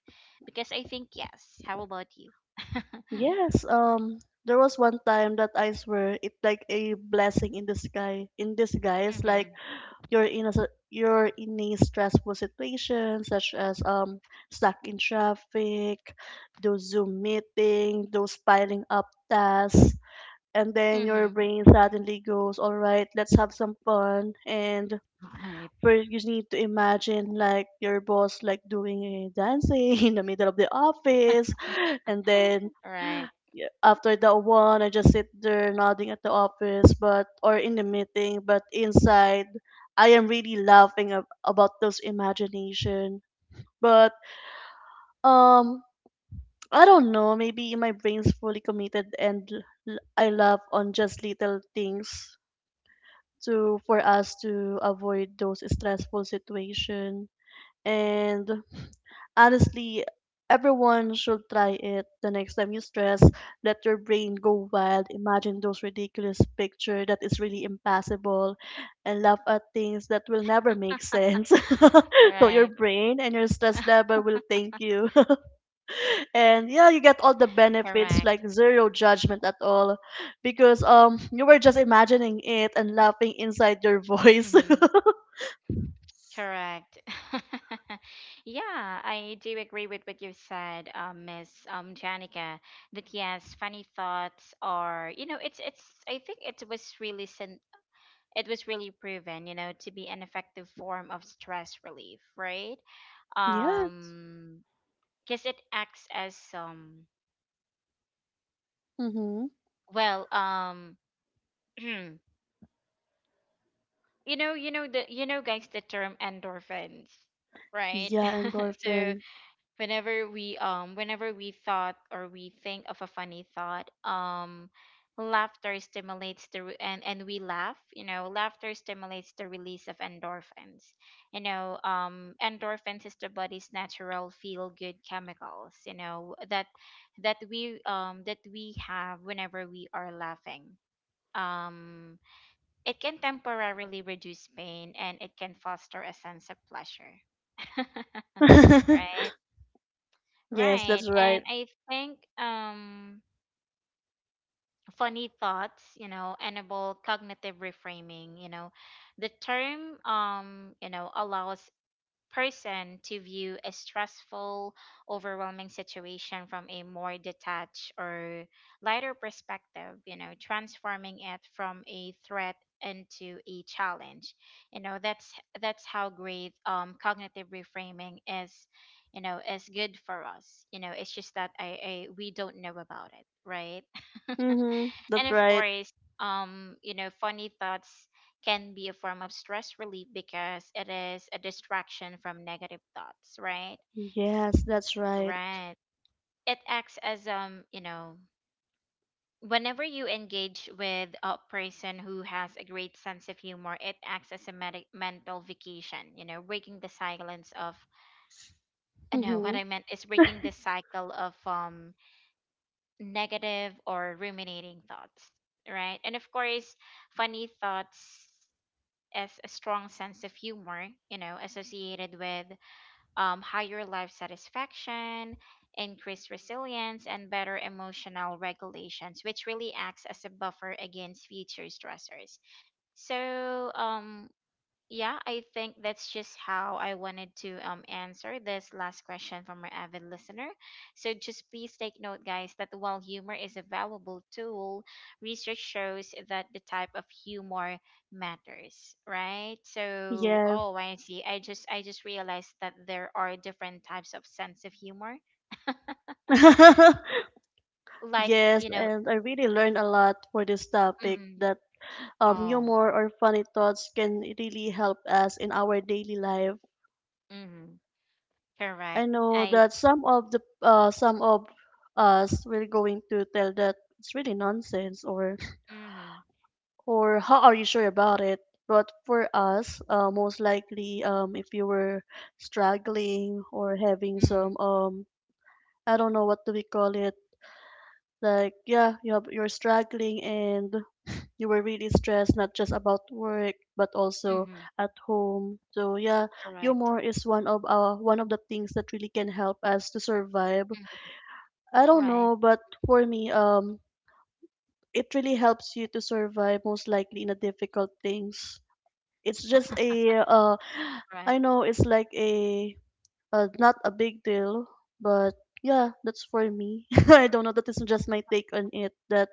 A: Because I think yes. How about you? *laughs* mm-hmm.
B: Yes, there was one time that I swear it like a blessing in the sky. In disguise, like you're in a stressful situation, such as stuck in traffic, those Zoom meeting, those piling up tasks, and then your
A: Mm-hmm.
B: brain suddenly goes, "All right, let's have some fun," and
A: Right.
B: first, you need to imagine like your boss like doing a dancing *laughs* in the middle of the office, and then
A: *laughs* Right.
B: yeah, after that one, I just sit there nodding at the office, but or in the meeting, but inside, I am really laughing about those imagination. But um, I don't know. Maybe my brain's fully committed, and I laugh on just little things to for us to avoid those stressful situation. And honestly, everyone should try it the next time you stress. Let your brain go wild. Imagine those ridiculous picture that is really impossible and laugh at things that will
A: *laughs*
B: never make sense.
A: right.
B: *laughs* So your brain and your stress level will thank you. *laughs* And yeah, you get all the
A: Correct.
B: benefits like zero judgment at all because you were just imagining it and laughing inside your
A: Mm-hmm.
B: voice.
A: Correct. *laughs* Yeah, I do agree with what you've said, Miss Janica. That yes, funny thoughts are, you know, it's it's. I think it was really it was really proven, to be an effective form of stress relief, right?
B: *laughs* Yeah.
A: Um, because it acts as
B: Mhm.
A: well, um, *clears throat* you you know guys the term endorphins, right?
B: Yeah,
A: *laughs* So
B: endorphin.
A: whenever we thought or we think of a funny thought, laughter stimulates the re- and we laugh, laughter stimulates the release of endorphins. Endorphins is the body's natural feel good chemicals, that that we have whenever we are laughing. um it can temporarily reduce pain and it can foster a sense of pleasure. *laughs*
B: *laughs*
A: Right.
B: Yes,
A: Right.
B: that's right.
A: And I think funny thoughts, enable cognitive reframing, you know. The term, allows person to view a stressful, overwhelming situation from a more detached or lighter perspective, you know, transforming it from a threat into a challenge. You know, that's how great cognitive reframing is, you know, is good for us. You know, it's just that I, we don't know about it, right? *laughs*
B: Mm-hmm.
A: And
B: That's
A: of
B: right.
A: course, you know, funny thoughts can be a form of stress relief because it is a distraction from negative thoughts, right?
B: Yes, that's right.
A: Right. It acts as you know, whenever you engage with a person who has a great sense of humor, it acts as a medi mental vacation, you know, breaking the silence of *laughs* no, what I
B: Mm-hmm.
A: meant is breaking the cycle of negative or ruminating thoughts, right? And of course, funny thoughts as a strong sense of humor, you know, associated with higher life satisfaction, increased resilience, and better emotional regulations, which really acts as a buffer against future stressors. So, yeah, I think that's just how I wanted to answer this last question from our avid listener. So just please take note, guys, that while humor is a valuable tool, research shows that the type of humor matters, right? So
B: Yes.
A: oh, I see. I just realized that there are different types of sense of humor. *laughs*
B: *laughs*
A: Like
B: Yes,
A: you know
B: and I really learned a lot for this topic
A: mm,
B: that
A: oh
B: humor or funny thoughts can really help us in our daily life.
A: mm, correct
B: I know
A: I
B: that some of us will going to tell that it's really nonsense
A: mm,
B: or how are you sure about it? But for us, most likely, if you were struggling or having
A: mm,
B: some, I don't know what do we call it, like yeah, you're struggling and you were really stressed, not just about work but also
A: mm,
B: at home. So yeah,
A: correct
B: humor is one of the things that really can help us to survive.
A: mm,
B: I don't
A: right.
B: know, but for me, it really helps you to survive most likely in the difficult things. It's just
A: *laughs*
B: a
A: Correct.
B: I know it's like a not a big deal, but yeah, that's for me. *laughs* I don't know. That is just my take on it. That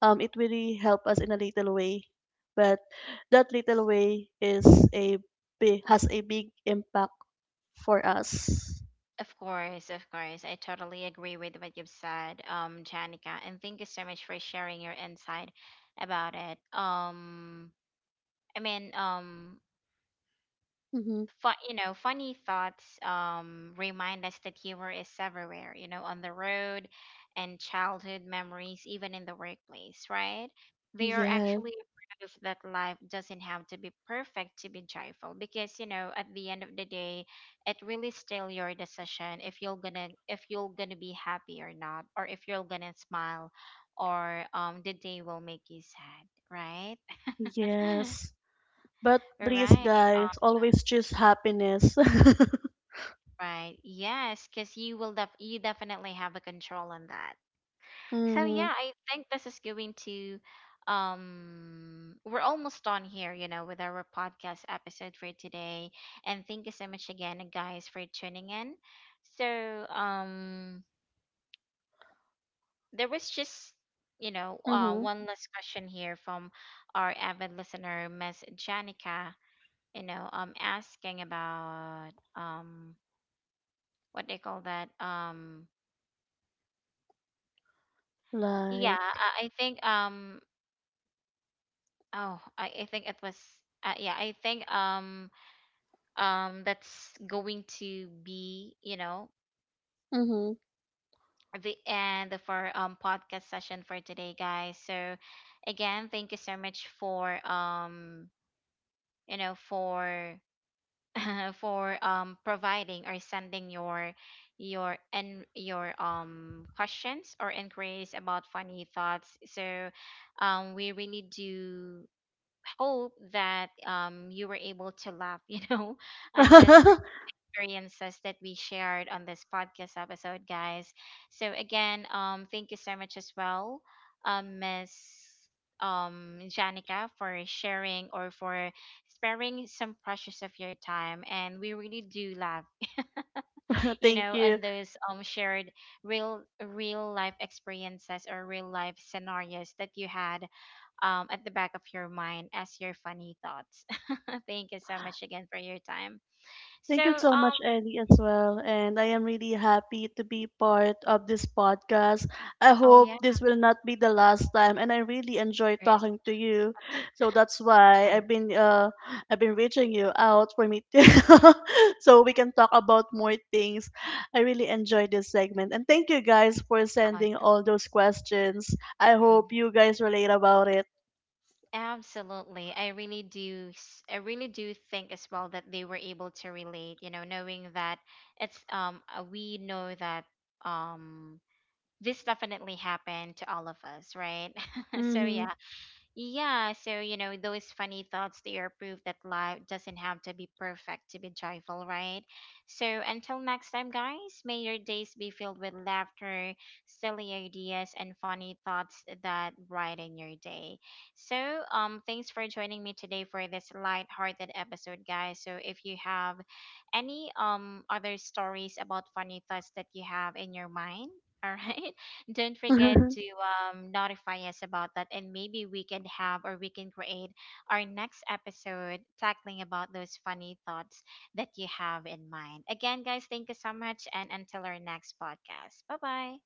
B: it really helped us in a little way, but that little way is a big has a big impact for us.
A: Of course, of course. I totally agree with what you've said, Janica, and thank you so much for sharing your insight about it. I mean, um,
B: Mm-hmm.
A: you know, funny thoughts remind us that humor is everywhere, you know, on the road and childhood memories, even in the workplace, right? They are
B: Yes,
A: actually a proof that life doesn't have to be perfect to be joyful, because you know at the end of the day it really still your decision if you're gonna be happy or not, or if you're gonna smile or the day will make you sad, right?
B: yes. But
A: *laughs* All right.
B: please, guys, always choose happiness. *laughs*
A: Right. Yes, because you will def you definitely have a control on that. So
B: Mm-hmm,
A: yeah, I think this is going to we're almost done here, you know, with our podcast episode for today. And thank you so much again, guys, for tuning in. So there was just you know
B: mm-hmm.
A: one last question here from our avid listener, Miss Janica, you know, asking about what they call that yeah,
B: Like,
A: I think oh I think it was yeah I think that's going to be you know
B: mm-hmm.
A: the end of our podcast session for today, guys. So again, thank you so much for you know for *laughs* for providing or sending your and your questions or inquiries about funny thoughts. So we really do hope that, you were able to laugh, *laughs* you know, on this experiences that we shared on this podcast episode, guys. So again, thank you so much as well, Miss Janica, for sharing or for sparing some precious of your time, and we really do love
B: *laughs*
A: you
B: Thank
A: know
B: you.
A: on those shared real life experiences or real life scenarios that you had, at the back of your mind as your funny thoughts. *laughs* Thank you so much again for your time. So,
B: Thank you so much, Ellie, as well. And I am really happy to be part of this podcast. I
A: oh
B: hope
A: yeah,
B: this will not be the last time, and I really enjoy
A: there is
B: talking to you. So that's why
A: time.
B: I've been reaching you out for me to, *laughs* so we can talk about more things. I really enjoy this segment, and thank you guys for
A: Oh,
B: sending
A: yeah.
B: all those questions. I
A: Mm.
B: hope you guys relate about it.
A: Absolutely. I really do I really do think as well that they were able to relate, you know, knowing that it's we know that um this definitely happened to all of us, right? *laughs* So yeah.
B: Mm-hmm.
A: Yeah, so you know, those funny thoughts, they are proof that life doesn't have to be perfect to be joyful, right? So until next time, guys, may your days be filled with laughter, silly ideas, and funny thoughts that brighten your day. So, thanks for joining me today for this light-hearted episode, guys. So if you have any other stories about funny thoughts that you have in your mind, *laughs* all right? Don't forget to,
B: *laughs*
A: notify us about that, and maybe we can have or we can create our next episode tackling about those funny thoughts that you have in mind. Again, guys, thank you so much, and until our next podcast. Bye bye.